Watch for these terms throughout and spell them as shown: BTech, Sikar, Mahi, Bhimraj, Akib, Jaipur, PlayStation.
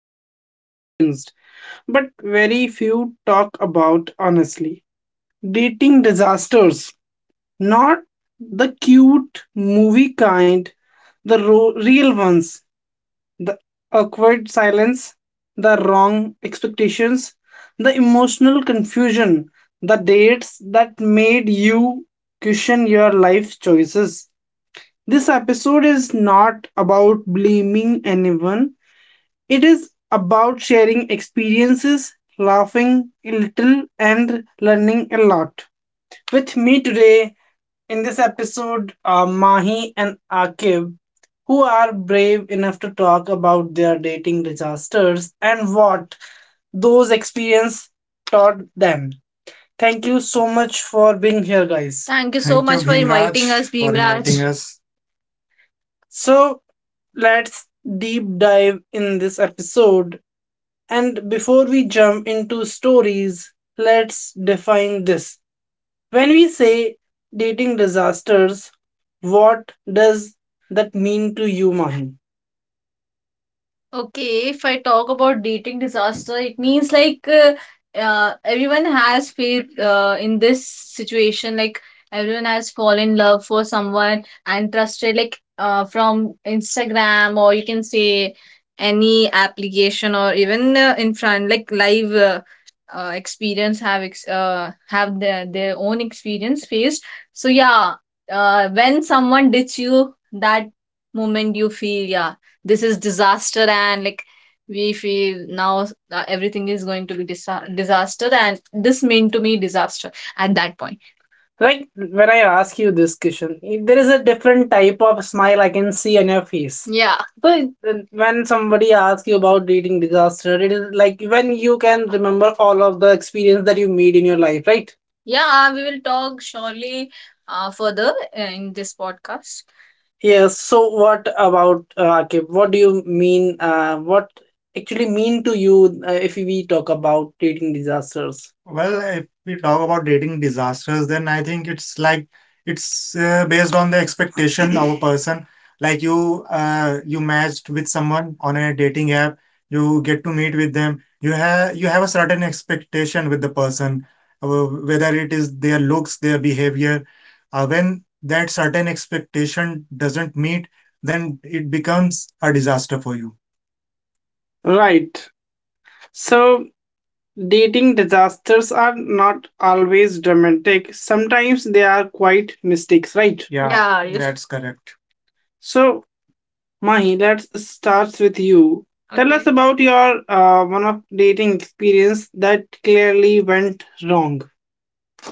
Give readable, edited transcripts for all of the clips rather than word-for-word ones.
has experienced, but very few talk about honestly. Dating disasters, not the cute movie kind, the real ones, the awkward silence, the wrong expectations, the emotional confusion, the dates that made you question your life choices. This episode is not about blaming anyone, it is about sharing experiences, laughing a little, and learning a lot. With me today in this episode are Mahi and Akib, who are brave enough to talk about their dating disasters and what those experiences taught them. Thank you so much for being here, guys. Thank you so Thank you, much you, for Bhimraj, inviting us, for inviting Bhimraj. Us. So let's deep dive in this episode. And before we jump into stories, let's define this. When we say dating disasters, what does that mean to you, Mahi? Okay, if I talk about dating disaster, it means like everyone has failed in this situation. Like everyone has fallen in love for someone and trusted like from Instagram, or you can say any application, or even in front like live experience have ex have their own experience faced. So yeah, when someone ditch you, that moment you feel yeah this is disaster, and like we feel now everything is going to be disaster, and this mean to me disaster at that point. Like when I ask you this question, there is a different type of smile I can see on your face. Yeah. So when somebody asks you about dating disaster, it is like when you can remember all of the experience that you made in your life, right? Yeah, we will talk surely further in this podcast. Yes, so what about Akib? What do you mean? What actually mean to you if we talk about dating disasters? Well, if we talk about dating disasters, then I think it's based on the expectation of a person. Like you matched with someone on a dating app, you get to meet with them. You have a certain expectation with the person, whether it is their looks, their behavior. When that certain expectation doesn't meet, then it becomes a disaster for you. Right. So, dating disasters are not always dramatic. Sometimes they are quite mistakes, right? Yeah, yeah, yes, that's correct. So, Mahi, let's start with you. Tell us, okay, about your one of dating experience that clearly went wrong.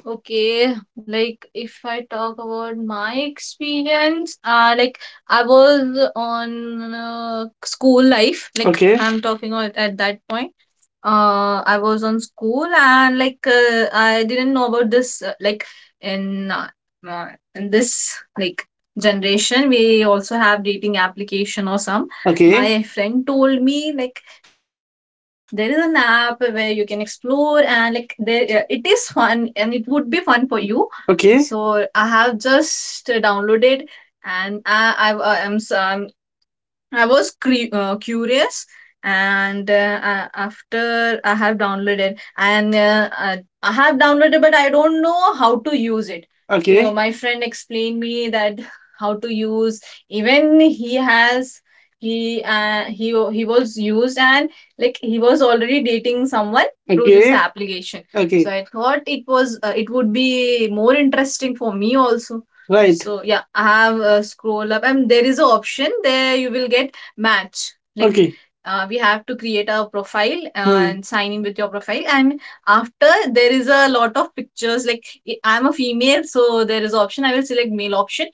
Okay, like if I talk about my experience, like I was on school life, like, okay, I'm talking on at that point. I was on school, and like I didn't know about this like in uh, uh, in this like generation we also have dating application or some. Okay. My friend told me like there is an app where you can explore and like there it is fun and it would be fun for you. Okay. So I have just downloaded, and I am I was curious, and after I have downloaded, and I have downloaded, but I don't know how to use it. So, okay, my friend explained me that how to use. Even he has he he was used, and like he was already dating someone through this, okay, application. So, okay, I thought it was it would be more interesting for me also. Right. So yeah, I have scroll up and there is an option there you will get match. Like, okay, we have to create a profile hmm, and sign in with your profile, and after there is a lot of pictures like I'm a female, so there is option I will select male option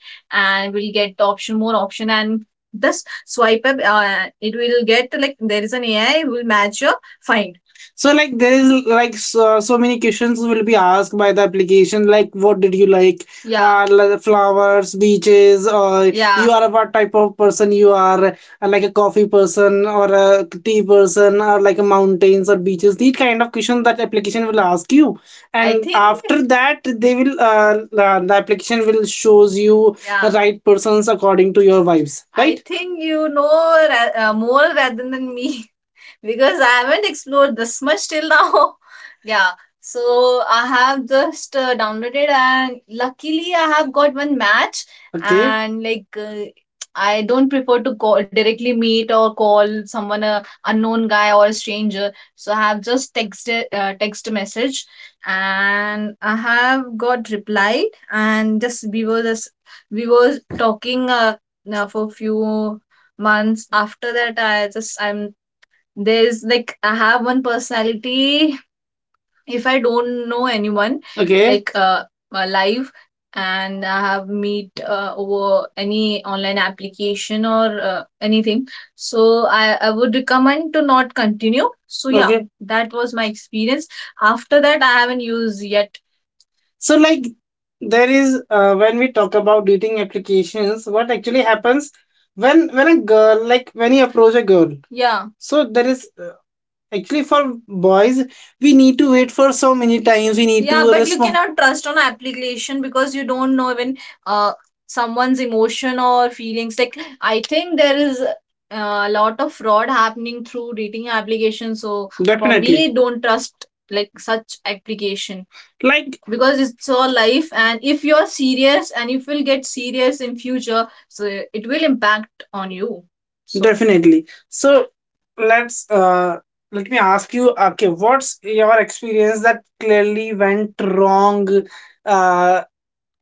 and we'll get the option, more option, and thus swipe up, it will get, like there is an AI will match your find. So like there is like so, so many questions will be asked by the application, like what did you like, yeah, and like flowers, beaches, or yeah you are what type of person you are, like a coffee person or a tea person, or like a mountains or beaches. These kind of questions that application will ask you, I and think after that they will the application will shows you the yeah right persons according to your vibes, I right? think you know more rather than me because I haven't explored this much till now. Yeah, so I have just downloaded and luckily I have got one match. Okay. And like I don't prefer to call directly, meet or call someone a unknown guy or a stranger. So I have just texted text message, and I have got replied, and just we were talking now for few months. After that I just I'm there's like I have one personality, if I don't know anyone, okay, like live, and I have meet over any online application or anything, so I would recommend to not continue. So yeah, okay, that was my experience. After that, I haven't used yet. So, like, there is when we talk about dating applications, what actually happens when a girl, like when you approach a girl. Yeah. So there is, actually, for boys, we need to wait for so many times. We need, yeah, to but you respond cannot trust on application, because you don't know even uh, someone's emotion or feelings. Like I think there is a lot of fraud happening through dating application. So for, definitely, me, don't trust like such application, like, because it's your life, and if you're serious and if you'll get serious in future, so it will impact on you. So definitely. So, let's, let me ask you, okay, what's your experience that clearly went wrong uh,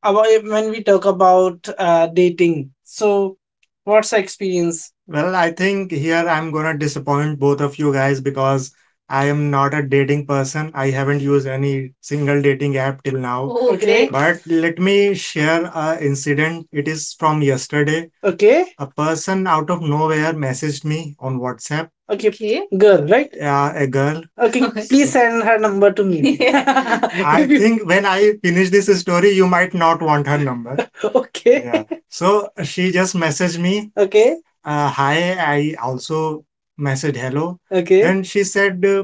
about when we talk about dating, so what's the experience? Well, I think here I'm gonna disappoint both of you guys because I am not a dating person. I haven't used any single dating app till now. Oh, okay, great. But let me share a incident. It is from yesterday. Okay. A person out of nowhere messaged me on WhatsApp. Okay. Okay. Girl, right? Yeah, a girl. Okay, please send her number to me. I think when I finish this story, you might not want her number. Okay. Yeah. So she just messaged me, okay, hi. I also messaged hello. Okay. Then she said,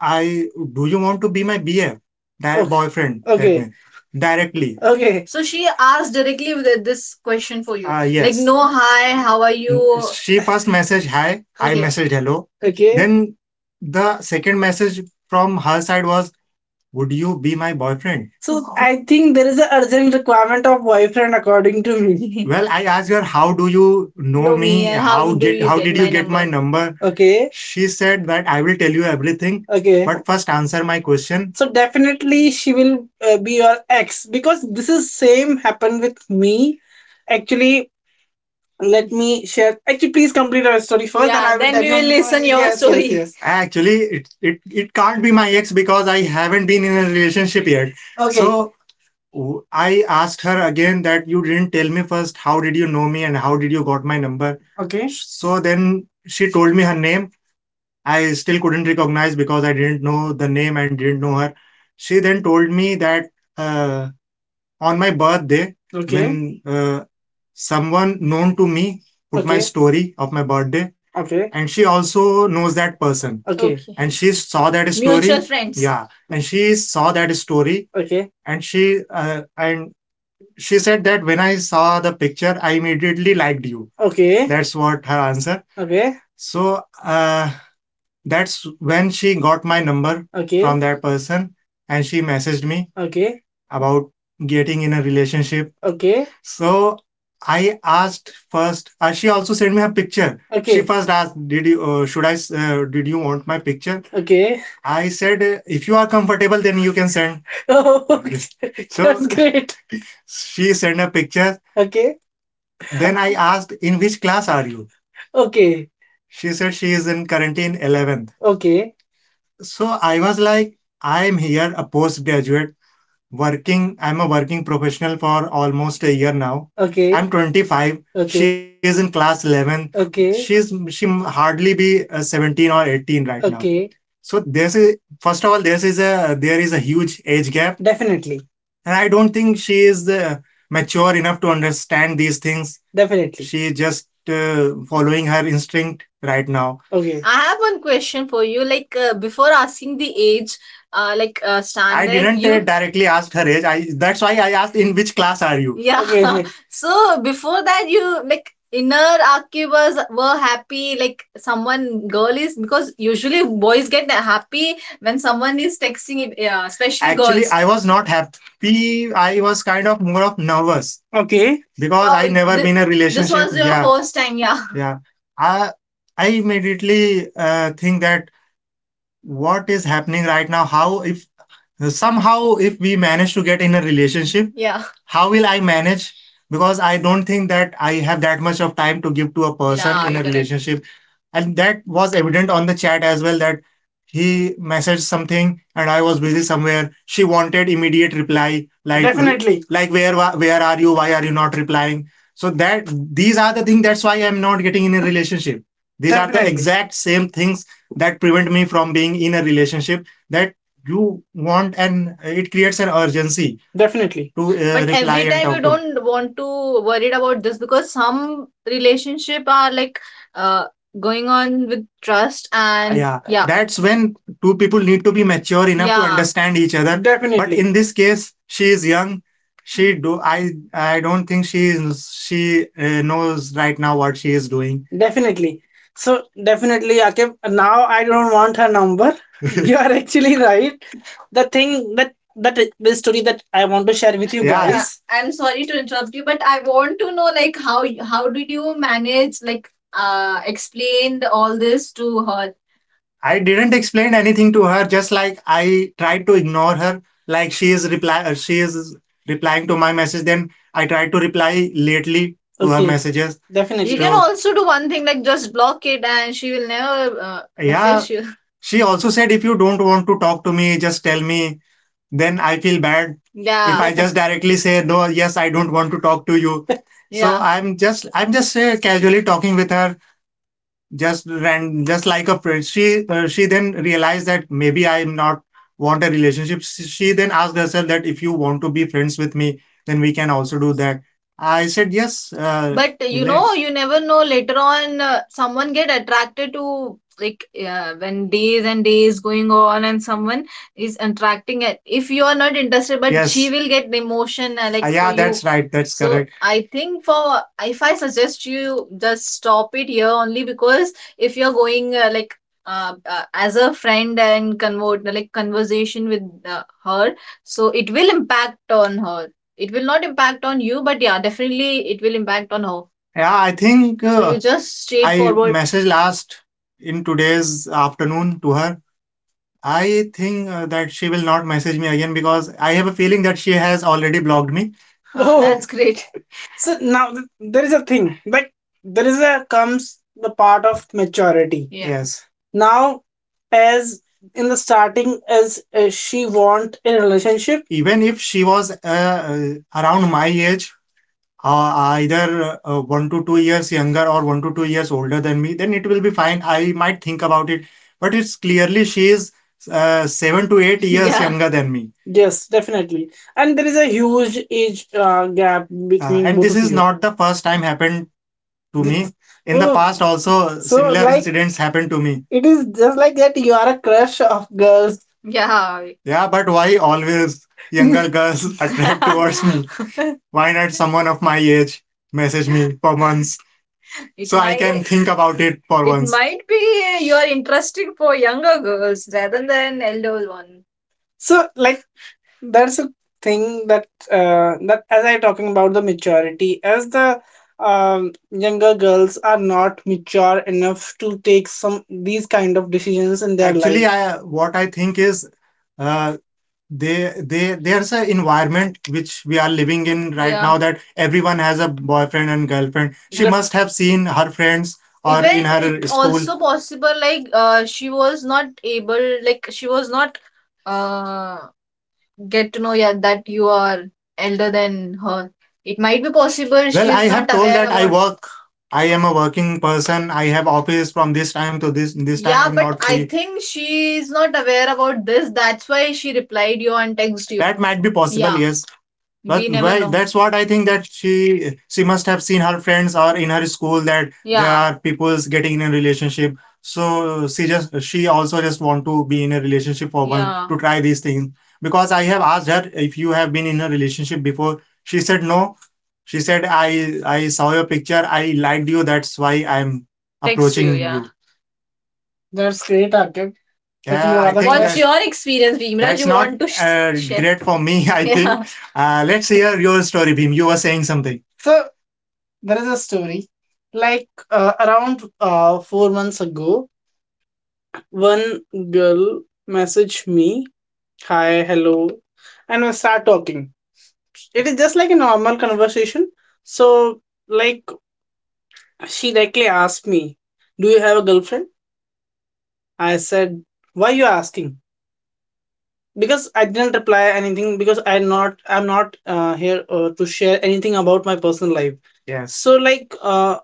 I do you want to be my BF, that oh, boyfriend? Okay, that, directly, okay. So she asked directly with this question for you. Yes. Like, no, hi, how are you? She first messaged hi. Okay. I, okay, messaged hello. Okay. Then the second message from her side was would you be my boyfriend. So I think there is an urgent requirement of boyfriend according to me. Well, I asked her, how do you know me, me how did you get my number. Okay. She said that I will tell you everything, okay, but first answer my question. So definitely she will be your ex, because this is same happened with me, actually let me share. Actually, please complete our story first. Yeah, and I then we will listen your, yes, story. Yes, yes. Actually, it can't be my ex because I haven't been in a relationship yet. Okay. So I asked her again that you didn't tell me first how did you know me and how did you got my number. Okay. So then she told me her name. I still couldn't recognize because I didn't know the name and didn't know her. She then told me that uh, on my birthday, okay, when uh, someone known to me put, okay, my, okay, story of my birthday, okay, and she also knows that person, okay, okay, and she saw that story. Mutual friends. Yeah, and she saw that story, okay, and she said that when I saw the picture I immediately liked you, okay, that's what her answer. Okay, so that's when she got my number, okay, from that person, and she messaged me, okay, about getting in a relationship. Okay. So I asked first, she also sent me her picture. Okay. She first asked, "Did you did you want my picture?" Okay. I said, "If you are comfortable, then you can send." Oh, okay. So that's great. She sent a picture. Okay. Then I asked, "In which class are you?" Okay. She said she is in currently in 11th. Okay. So I was like, I am here a postgraduate I'm a working professional for almost a year now. Okay. I'm 25. Okay. She, okay, is in class 11. Okay. She hardly be 17 or 18, right, okay, now. Okay. So this, a first of all, this is a there is a huge age gap. Definitely. And I don't think she is mature enough to understand these things. Definitely. She just following her instinct right now. Okay. I have one question for you. Like, before asking the age, like, I standard. Didn't you directly ask her age? I That's why I asked, in which class are you. Yeah. Okay. So before that, you like inner archivers were happy. Like someone girl is, because usually boys get happy when someone is texting. Yeah, especially, actually, girls. I was not happy. I was kind of more of nervous. Okay. Because I, oh, never been in a relationship. This relationship was your, yeah, first time. Yeah. Yeah. I I immediately think that what is happening right now, how if somehow if we manage to get in a relationship. Yeah. How will I manage, because I don't think that I have that much of time to give to a person. Yeah, In a correct. relationship, and that was evident on the chat as well that he messaged something and I was busy somewhere, she wanted immediate reply, like, definitely, like where where are you, why are you not replying, so that these are the things, that's why I'm not getting in a relationship, these are the, definitely, exact same things that prevent me from being in a relationship that you want, and it creates an urgency. Definitely. To But reply every and time talk you to don't want to worried about this because some relationship are like uh going on with trust, and yeah, yeah, that's when two people need to be mature enough to, yeah, understand each other, but definitely, in this case she is young, she do I don't think she is she knows right now what she is doing. Definitely. So definitely, Akib. Now I don't want her number. You are actually right. The thing that the story that I want to share with you. Yeah. Yeah, guys. I'm sorry to interrupt you, but I want to know, like, how did you manage, like explain all this to her? I didn't explain anything to her, just like I tried to ignore her. Like she is reply she is replying to my message, then I tried to reply lately to, okay, her Okay. messages. Definitely. You can also do one thing, like just block it and she will never Yeah. message you. She also said if you don't want to talk to me, just tell me. Then I feel bad, yeah, if, yeah, I just directly say no, yes, I don't want to talk to you. Yeah. So I'm just casually talking with her just ran just like a friend, she then realized that maybe I'm not want a relationship. She then asked herself that if you want to be friends with me then we can also do that, I said yes but you know, let's you never know. Later on, someone get attracted to, like, yeah, when days and days going on, and someone is attracting it. If you are not interested, but yes, she Yes. will get the emotion like, for yeah, you. That's right. That's So correct. I think for if I suggest you just stop it here only, because if you're going like as a friend and convert like conversation with her, so it will impact on her. It will not impact on you, but yeah, definitely it will impact on her. Yeah, I think. So you you just, I straightforward. Messaged last in today's afternoon to her, I think that she will not message me again because I have a feeling that she has already blocked me. Oh, that's great. So now there is a thing, like there is a comes the part of maturity. Yeah. Yes. Now, as in the starting, as she want a relationship. Even if she was around my age, uh, either 1 to 2 years younger or 1 to 2 years older than me, then it will be fine. I might think about it. But it's clearly she is 7 to 8 years, yeah, younger than me. Yes, definitely, and there is a huge age gap between and both this of is you not the first time happened to me. In the mm, past, also, so, similar incidents happened to me. It is just like that you are a crush of girls. Yeah. Yeah, but why always younger girls attract towards me? Why not someone of my age message me for once, It so can think about it for It once? Might be you are interested for younger girls rather than elder one. So like, that's a thing that that as I talking about the maturity, as the younger girls are not mature enough to take some these kind of decisions in their Actually, life I what I think is uh, they there's an environment which we are living in right Yeah. now that everyone has a boyfriend and girlfriend. She Def- must have seen her friends or in Even it her it school. Also possible, like she was not able, like she was not uh get to know, yeah, that you are elder than her. It might be possible she, well, I is have not told aware that I about. Work. I am a working person. I have office from this time to this. This time, yeah, I'm but not I free. Think she is not aware about this. That's why she replied you and text you. That might be possible. Yeah. Yes. But we never know. That's what I think, that she must have seen her friends or in her school that there, yeah, are people's getting in a relationship. So she just, she also just want to be in a relationship for, yeah, one, yeah, to try these things. Because I have asked her if you have been in a relationship before. She said no. She said I saw your picture, I liked you, that's why I'm Text you, approaching yeah. you. That's great, Akib. Yeah. I What's your experience, Bhim Raj? That's You not want to share? Great for me, I Yeah. think. Let's hear your story, Bhim. You were saying something. So there is a story. Like around 4 months ago, one girl messaged me, "Hi, hello," and we start talking. It is just like a normal conversation. So like she directly asked me, "Do you have a girlfriend?" I said, "Why are you asking?" Because I didn't reply anything, because I'm not, here to share anything about my personal life. Yes. So like,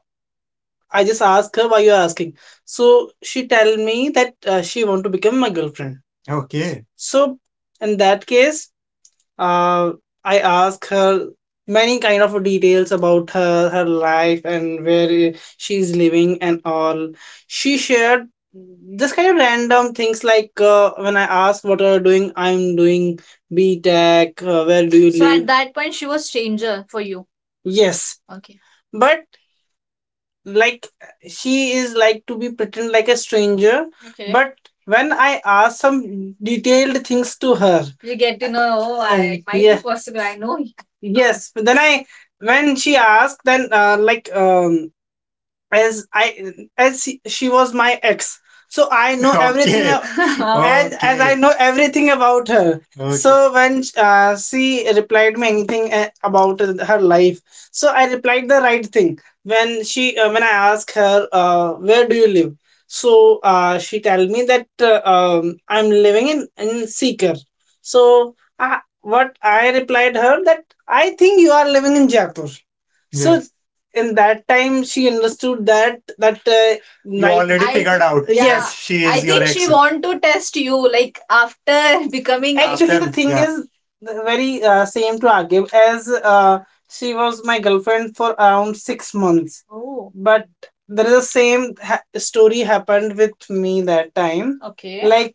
I just asked her why you are asking, so she tell me that she want to become my girlfriend. Okay. So in that case, uh, I ask her many kind of details about her, her life and where she is living and all. She shared just kind of random things, like when I asked what are you doing, I'm doing BTech. Where do you So at live? That point, she was stranger for you. Yes, okay, but like she is like to be pretend like a stranger. Okay. But when I ask some detailed things to her, you get to know. Oh, I, it might yeah. be possible. I know. Yes, but then I, when she asked, then like, as I as she was my ex. So I know okay everything. Ab- Oh. And okay, as I Okay. know everything about her, okay, so when she replied me anything about her life, so I replied the right thing. When she when I asked her, "Where do you live?" So she tell me that I'm living in Sikar. So uh, what I replied her, that I think you are living in Jaipur. So yes, in that time, she understood that you night- already I- figured out. Yeah. Yes, she is, I is your think ex. She want to test you, like after becoming. A Actually, the After- thing yeah. is the very same to Agib, as she was my girlfriend for around 6 months. Oh, but there is the same story happened with me that time. Okay. Like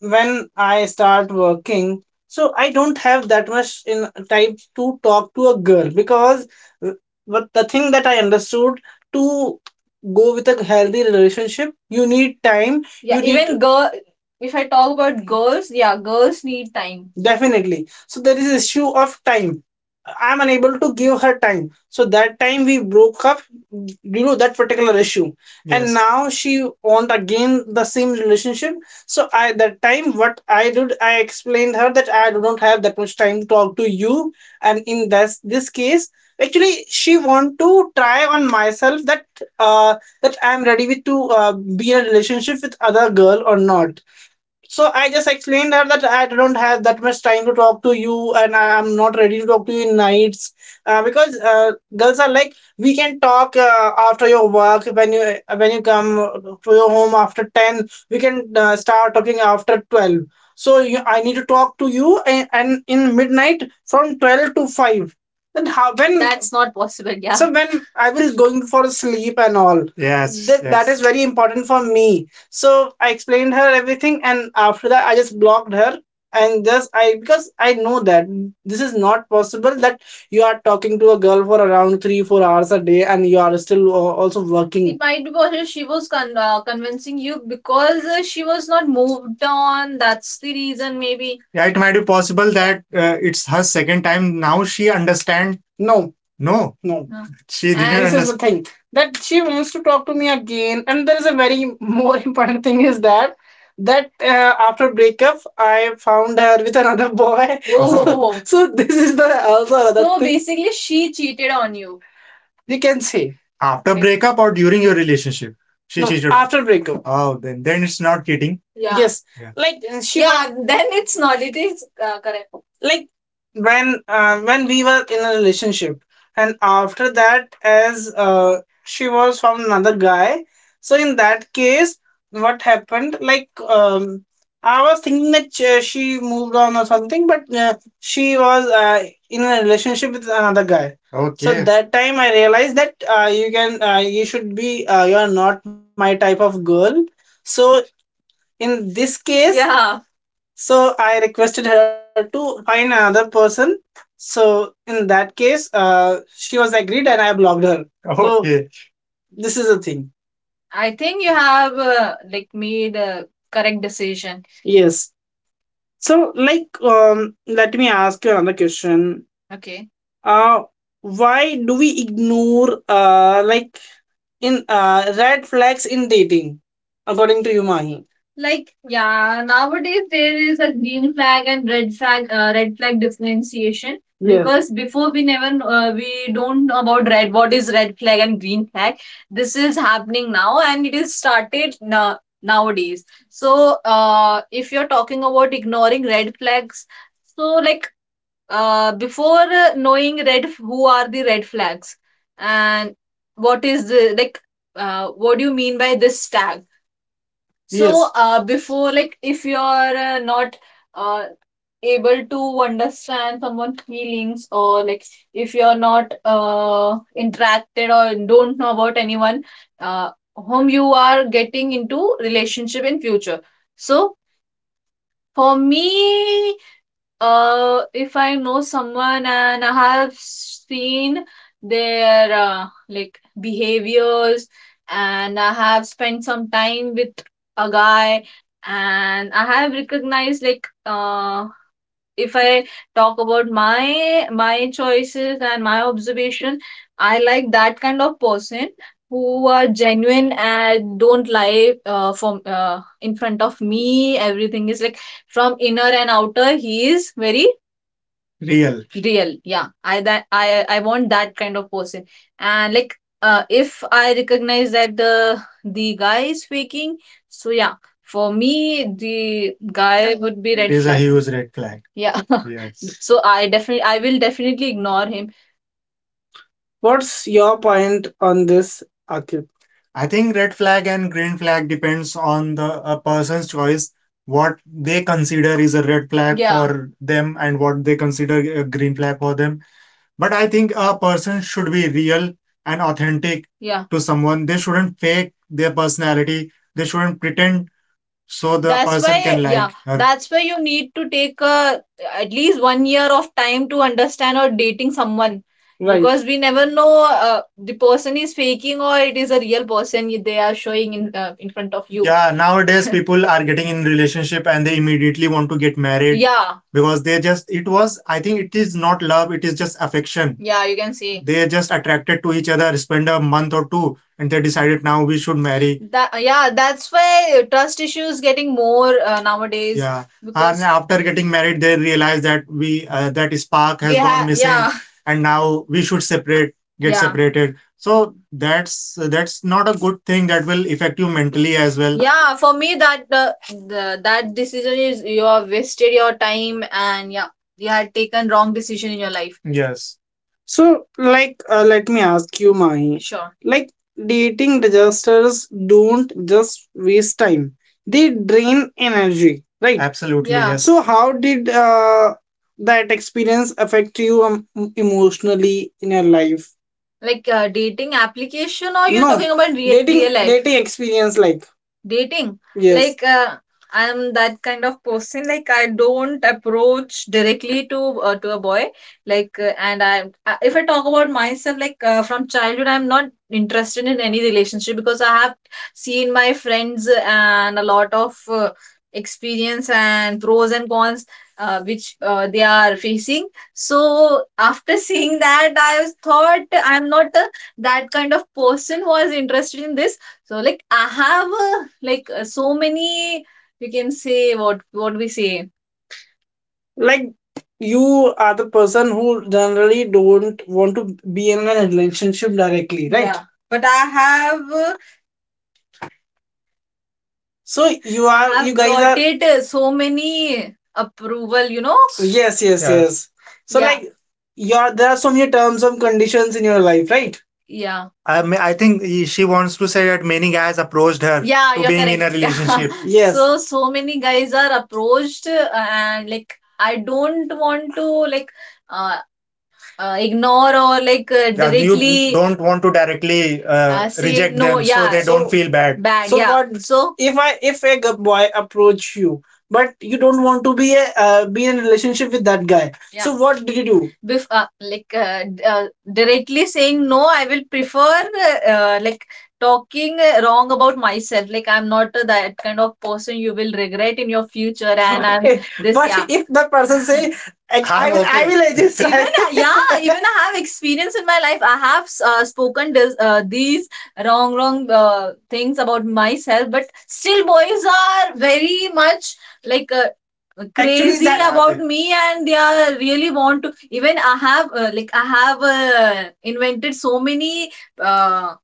when I start working, so I don't have that much in time to talk to a girl because but the thing that I understood, to go with a healthy relationship, you need time. Yeah, you need even girl. If I talk about girls, yeah, girls need time. Definitely. So there is issue of time. I'm unable to give her time. So that time we broke up due to that particular issue. And yes, now she want again the same relationship. So I that time what I did, I explained her that I do not have that much time to talk to you, and in this case, actually, she want to try on myself that uh that I'm ready with to be in a relationship with other girl or not. So I just explained her that I don't have that much time to talk to you, and I am not ready to talk to you in nights, because girls are like, we can talk after your work, when you come to your home after 10. We can start talking after 12. So you, I need to talk to you, and in midnight from 12 to 5. Then how when. That's not possible, yeah. So when I will going for sleep and all. Yes. That yes, that is very important for me. So I explained her everything, and after that, I just blocked her. And just I, because I know that this is not possible that you are talking to a girl for around 3 or 4 hours a day and you are still also it working. Might be possible she was convincing you because she was not moved on. That's the reason, maybe. Yeah, it might be possible that it's her second time. Now she understand. No, no, no. No, she didn't. And this is understand, the thing, that she wants to talk to me again. And there is a very more important thing is that after breakup, I found her with another boy. Oh. so this is the also another. So thing, basically, she cheated on you. You can say, after breakup or during your relationship? She, no, cheated after breakup. Oh, then it's not cheating. Yeah. Yes. Yeah. Like she, yeah. Then it's not. It is correct. Like when we were in a relationship, and after that, as she was from another guy, so in that case, what happened, like I was thinking that she moved on or something, but she was in a relationship with another guy. So okay, that time I realized that, you can you should be you are not my type of girl. So in this case, yeah. So I requested her to find another person. So in that case, she was agreed and I blocked her. Okay. So this is the thing. I think you have like made a correct decision. Yes. So like, let me ask you another question. Okay. Uh why do we ignore like in red flags in dating, according to you, Mahi? Like, yeah, nowadays there is a green flag and red flag differentiation. Yeah. Because before we never, we don't know about red. What is red flag and green flag? This is happening now, and it is started now nowadays. So if you're talking about ignoring red flags, so like before knowing red, who are the red flags, and what is the, like what do you mean by this tag. So yes, before, like if you're not uh, able to understand someone's feelings, or like if you're not interacted or don't know about anyone whom you are getting into relationship in future. So for me, if I know someone and I have seen their like behaviors, and I have spent some time with a guy, and I have recognized, like if I talk about my choices and my observation, I like that kind of person who are genuine and don't lie from in front of me. Everything is like, from inner and outer, he is very real real, yeah. I want that kind of person. And like if I recognize that the guy is faking, so yeah, for me, the guy would be, it red is a flag, huge red flag, yeah. yes. So I definitely, I will definitely ignore him. What's your point on this, Akib? I think red flag and green flag depends on the a person's choice, what they consider is a red flag, yeah, for them, and what they consider a green flag for them. But I think a person should be real and authentic, yeah, to someone. They shouldn't fake their personality. They shouldn't pretend, so the that's person why can yeah like yeah, her that's why you need to take a, at least 1 year of time to understand or dating someone. Right. Because we never know the person is faking or it is a real person they are showing in front of you, yeah, nowadays. people are getting in relationship and they immediately want to get married, yeah, because they just, it was, I think it is not love, it is just affection, yeah. You can see, they just attracted to each other, spend a month or two, and they decided, now we should marry. That, yeah, that's why trust issues getting more nowadays. Yeah, and because and after getting married, they realized that we that spark has we gone have missing, yeah, and now we should separate, get, yeah, separated. So that's not a good thing. That will affect you mentally as well. Yeah, for me that the, that decision is, you have wasted your time, and yeah, you had taken wrong decision in your life. Yes. So like, let me ask you, Mahi. Sure. Like, dating disasters don't just waste time, they drain energy, right? Absolutely. Yeah, yes. So how did that experience affect you emotionally in your life? Like dating application, or you're, no, talking about real, dating real life dating experience like dating? Yes. Like I'm that kind of person. Like I don't approach directly to a boy. Like and I, if I talk about myself, like from childhood, I'm not interested in any relationship because I have seen my friends and a lot of experience and pros and cons which they are facing. So after seeing that, I was thought, I'm not a, that kind of person who is interested in this. So like I have like so many, you can say, what we say. Like, you are the person who generally don't want to be in a relationship directly, right? Yeah. But I have so you are, you I've you guys got are, it so many approval, you know. Yes, yes, yeah, yes. So yeah, like, your, there are so many terms and conditions in your life, right? Yeah. I mean, I think she wants to say that many guys approached her, yeah, to you're being in a, correct, Yeah. relationship. Yes. So so many guys are approached, and like, I don't want to like uh, ignore, or like yeah, directly you don't want to directly uh, say, reject no, them, yeah, they don't so- feel bad. Bad. So yeah. What, so if I, if a boy approach you, but you don't want to be a be in a relationship with that guy. Yeah. So what did you do? Like directly saying no, I will prefer like talking wrong about myself, like, I'm not that kind of person, you will regret in your future. And i'm, okay, this but yeah, if that person say, I Ah, will, okay, I okay will adjust. even I, yeah, even I have experience in my life, I have spoken this, these wrong things about myself, but still boys are very much like crazy. Actually, that About happened. me, and they are really want to. Even I have like I have invented so many uh,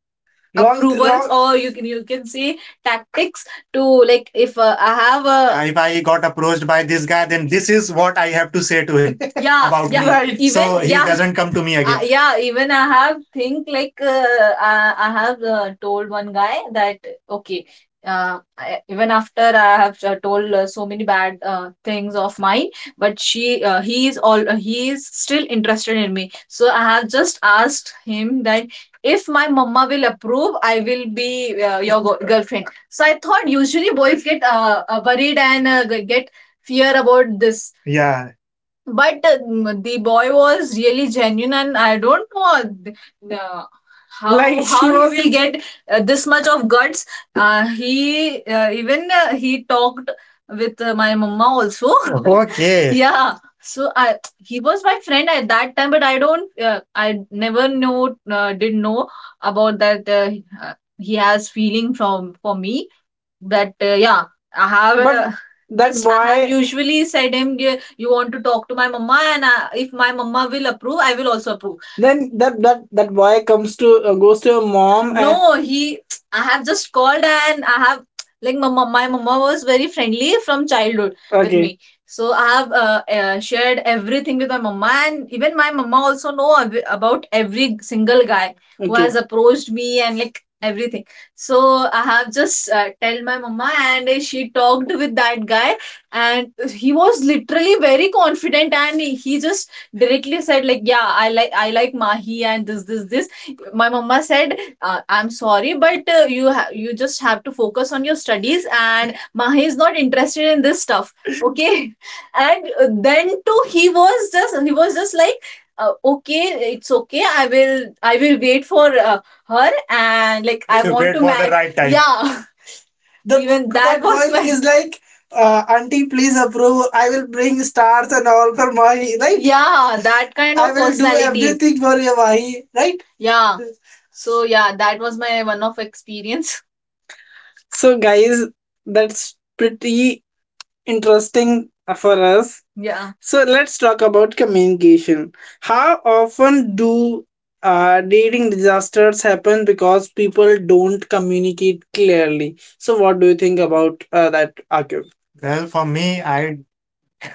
long, approvals, long- or you can, you can say tactics to, like if I have a, if I got approached by this guy, then this is what I have to say to him. yeah, about yeah me. Right. Even so he, yeah, doesn't come to me again. Yeah, even I have think like I have told one guy that okay, I, even after I have told so many bad things of mine, but she he is all he is still interested in me. So I have just asked him that if my mama will approve, I will be your girlfriend. So I thought usually boys get worried and get fear about this. Yeah, but the boy was really genuine and I don't know uh, how Like how she he was will get this much of guts, he even he talked with my mama also. Okay, yeah, so I he was my friend at that time but I don't I never know did know about that he has feeling from for me. That, yeah, I have But that Yes, I have boy, usually said him, " you want to talk to my mama, and I, if my mama will approve, I will also approve." Then that that boy comes to goes to your mom. And no, he, I have just called and I have like my mom, my mama was very friendly from childhood with okay, me. So I have shared everything with my mama and even my mama also know about every single guy who okay, has approached me and like everything. So I have just tell my mama and she talked with that guy and he was literally very confident and he just directly said like, yeah, I like Mahi and this my mama said, "I'm sorry, but you just have to focus on your studies and Mahi is not interested in this stuff." Okay. And then too he was just like, "Okay, it's okay, I will wait for her and like I want to for marry. Right time." Yeah. The, even that that was girl my is like, "Auntie, please approve. I will bring stars and all for money, right? Yeah, that kind I of will do personality. Everything for your money, right?" Yeah. So yeah, that was my one-off experience. So, guys, that's pretty interesting for us. Yeah. So let's talk about communication. How often do dating disasters happen because people don't communicate clearly? So what do you think about that, Akib? Well, for me, I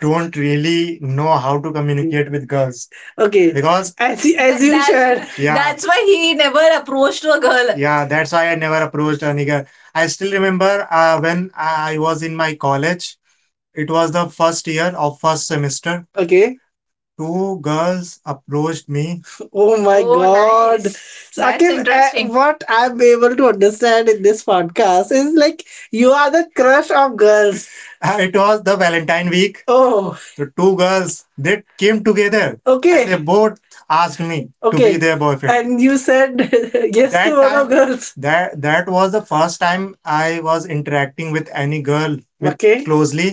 don't really know how to communicate with girls. Okay, because as you shared, yeah, that's why he never approached a girl. Yeah, that's why I never approached any girl. I still remember when I was in my college, it was the first year of first semester. Okay, two girls approached me. Oh my God. Nice. That's interesting. What I'm able to understand in this podcast is like you are the crush of girls. It was the Valentine week. Oh, the two girls they came together. Okay. They both asked me to be their boyfriend. And you said yes That to That one of girls. That was the first time I was interacting with any girl with Okay. closely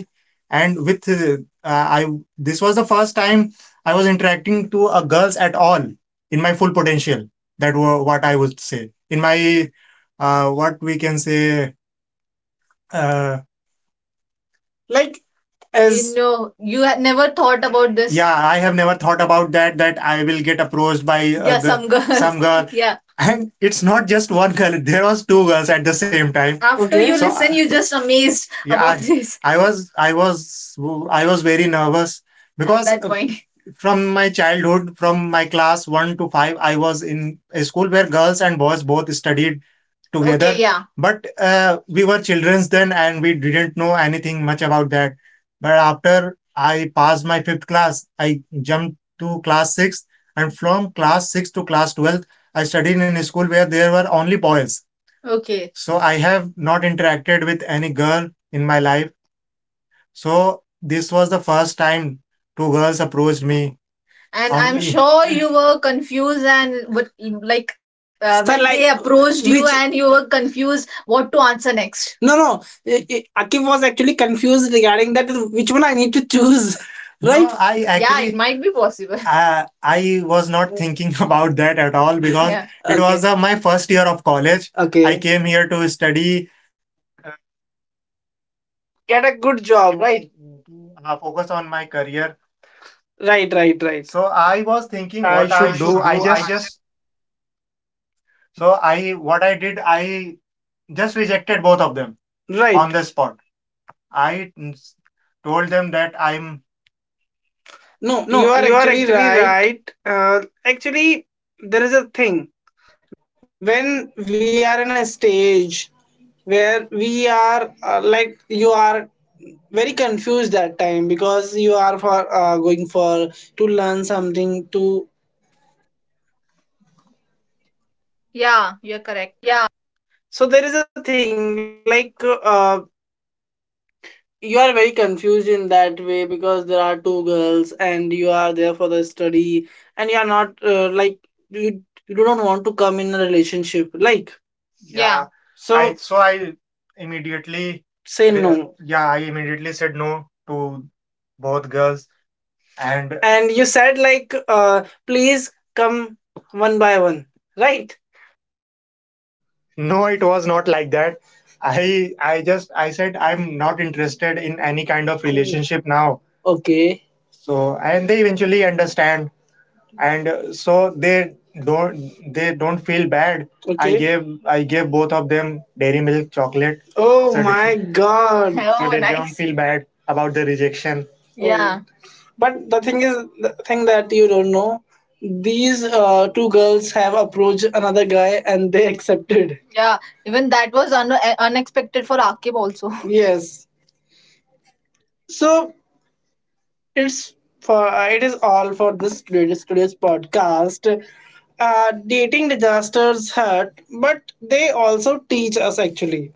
and with, I, this was the first time I was interacting to a girls at all in my full potential. That was what I would say in my what we can say uh, like, as you had never thought about this. Yeah, I have never thought about that, that I will get approached by some girls. Some girl. Yeah. And it's not just one girl, there was two girls at the same time. After Okay. you So, listen, you just amazed. Yeah, about this, I was very nervous at because that point. From my childhood, from my class 1 to 5 I was in a school where girls and boys both studied together. Okay, yeah, but we were childrens then and we didn't know anything much about that. But after I passed my fifth class, I jumped to class sixth, and from class sixth to class 12th I studied in a school where there were only boys. Okay. So I have not interacted with any girl in my life. So this was the first time two girls approached me. And I'm sure you were confused, and what, like, sir, when they approached you, which- and you were confused what to answer next. No, no. Akif was actually confused regarding that, which one I need to choose. Right? No, I, yeah, it actually might be possible. I was not thinking about that at all because, yeah, it was my first year of college. Okay. I Okay. came here to study Was thinking what I should do. I just No, you are actually right. When we are in a stage where we are like you are very confused that time because you are for going for to learn something to no, it was not like that. I just I said I'm not interested in any kind of relationship now. Okay. So and they eventually understand. And so they don't feel bad. Okay. I Okay. gave I gave both of them dairy milk chocolate. Oh so they, my they, god. So Oh, so they nice. Don't nice. Feel bad about the rejection. Yeah. Oh. But the thing is, the thing that you don't know, these two girls have approached another guy and they accepted. Yeah. Even that was unexpected for Akib also. Yes. So it's it is all for this today's podcast, dating disasters hurt but they also teach us. Actually,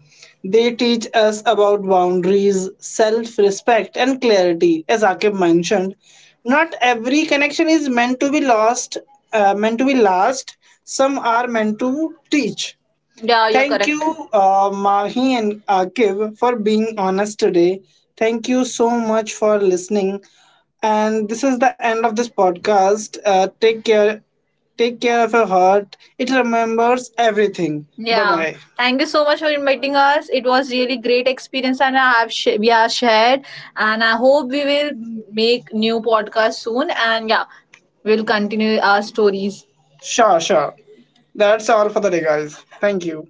they teach us about boundaries, self-respect and clarity. As Akib mentioned, not every connection is meant to be lost, meant to be last. Some are meant to teach. Yeah, you're Thank correct. You, Mahi and Akib, for being honest today. Thank you so much for listening. And this is the end of this podcast. Take care. Take care of your heart. It remembers everything. Bye Yeah. bye. Thank you so much for inviting us. It was really great experience and we have shared and I hope we will make new podcast soon and yeah, we'll continue our stories. Sure, sure. That's all for the day, guys. Thank you.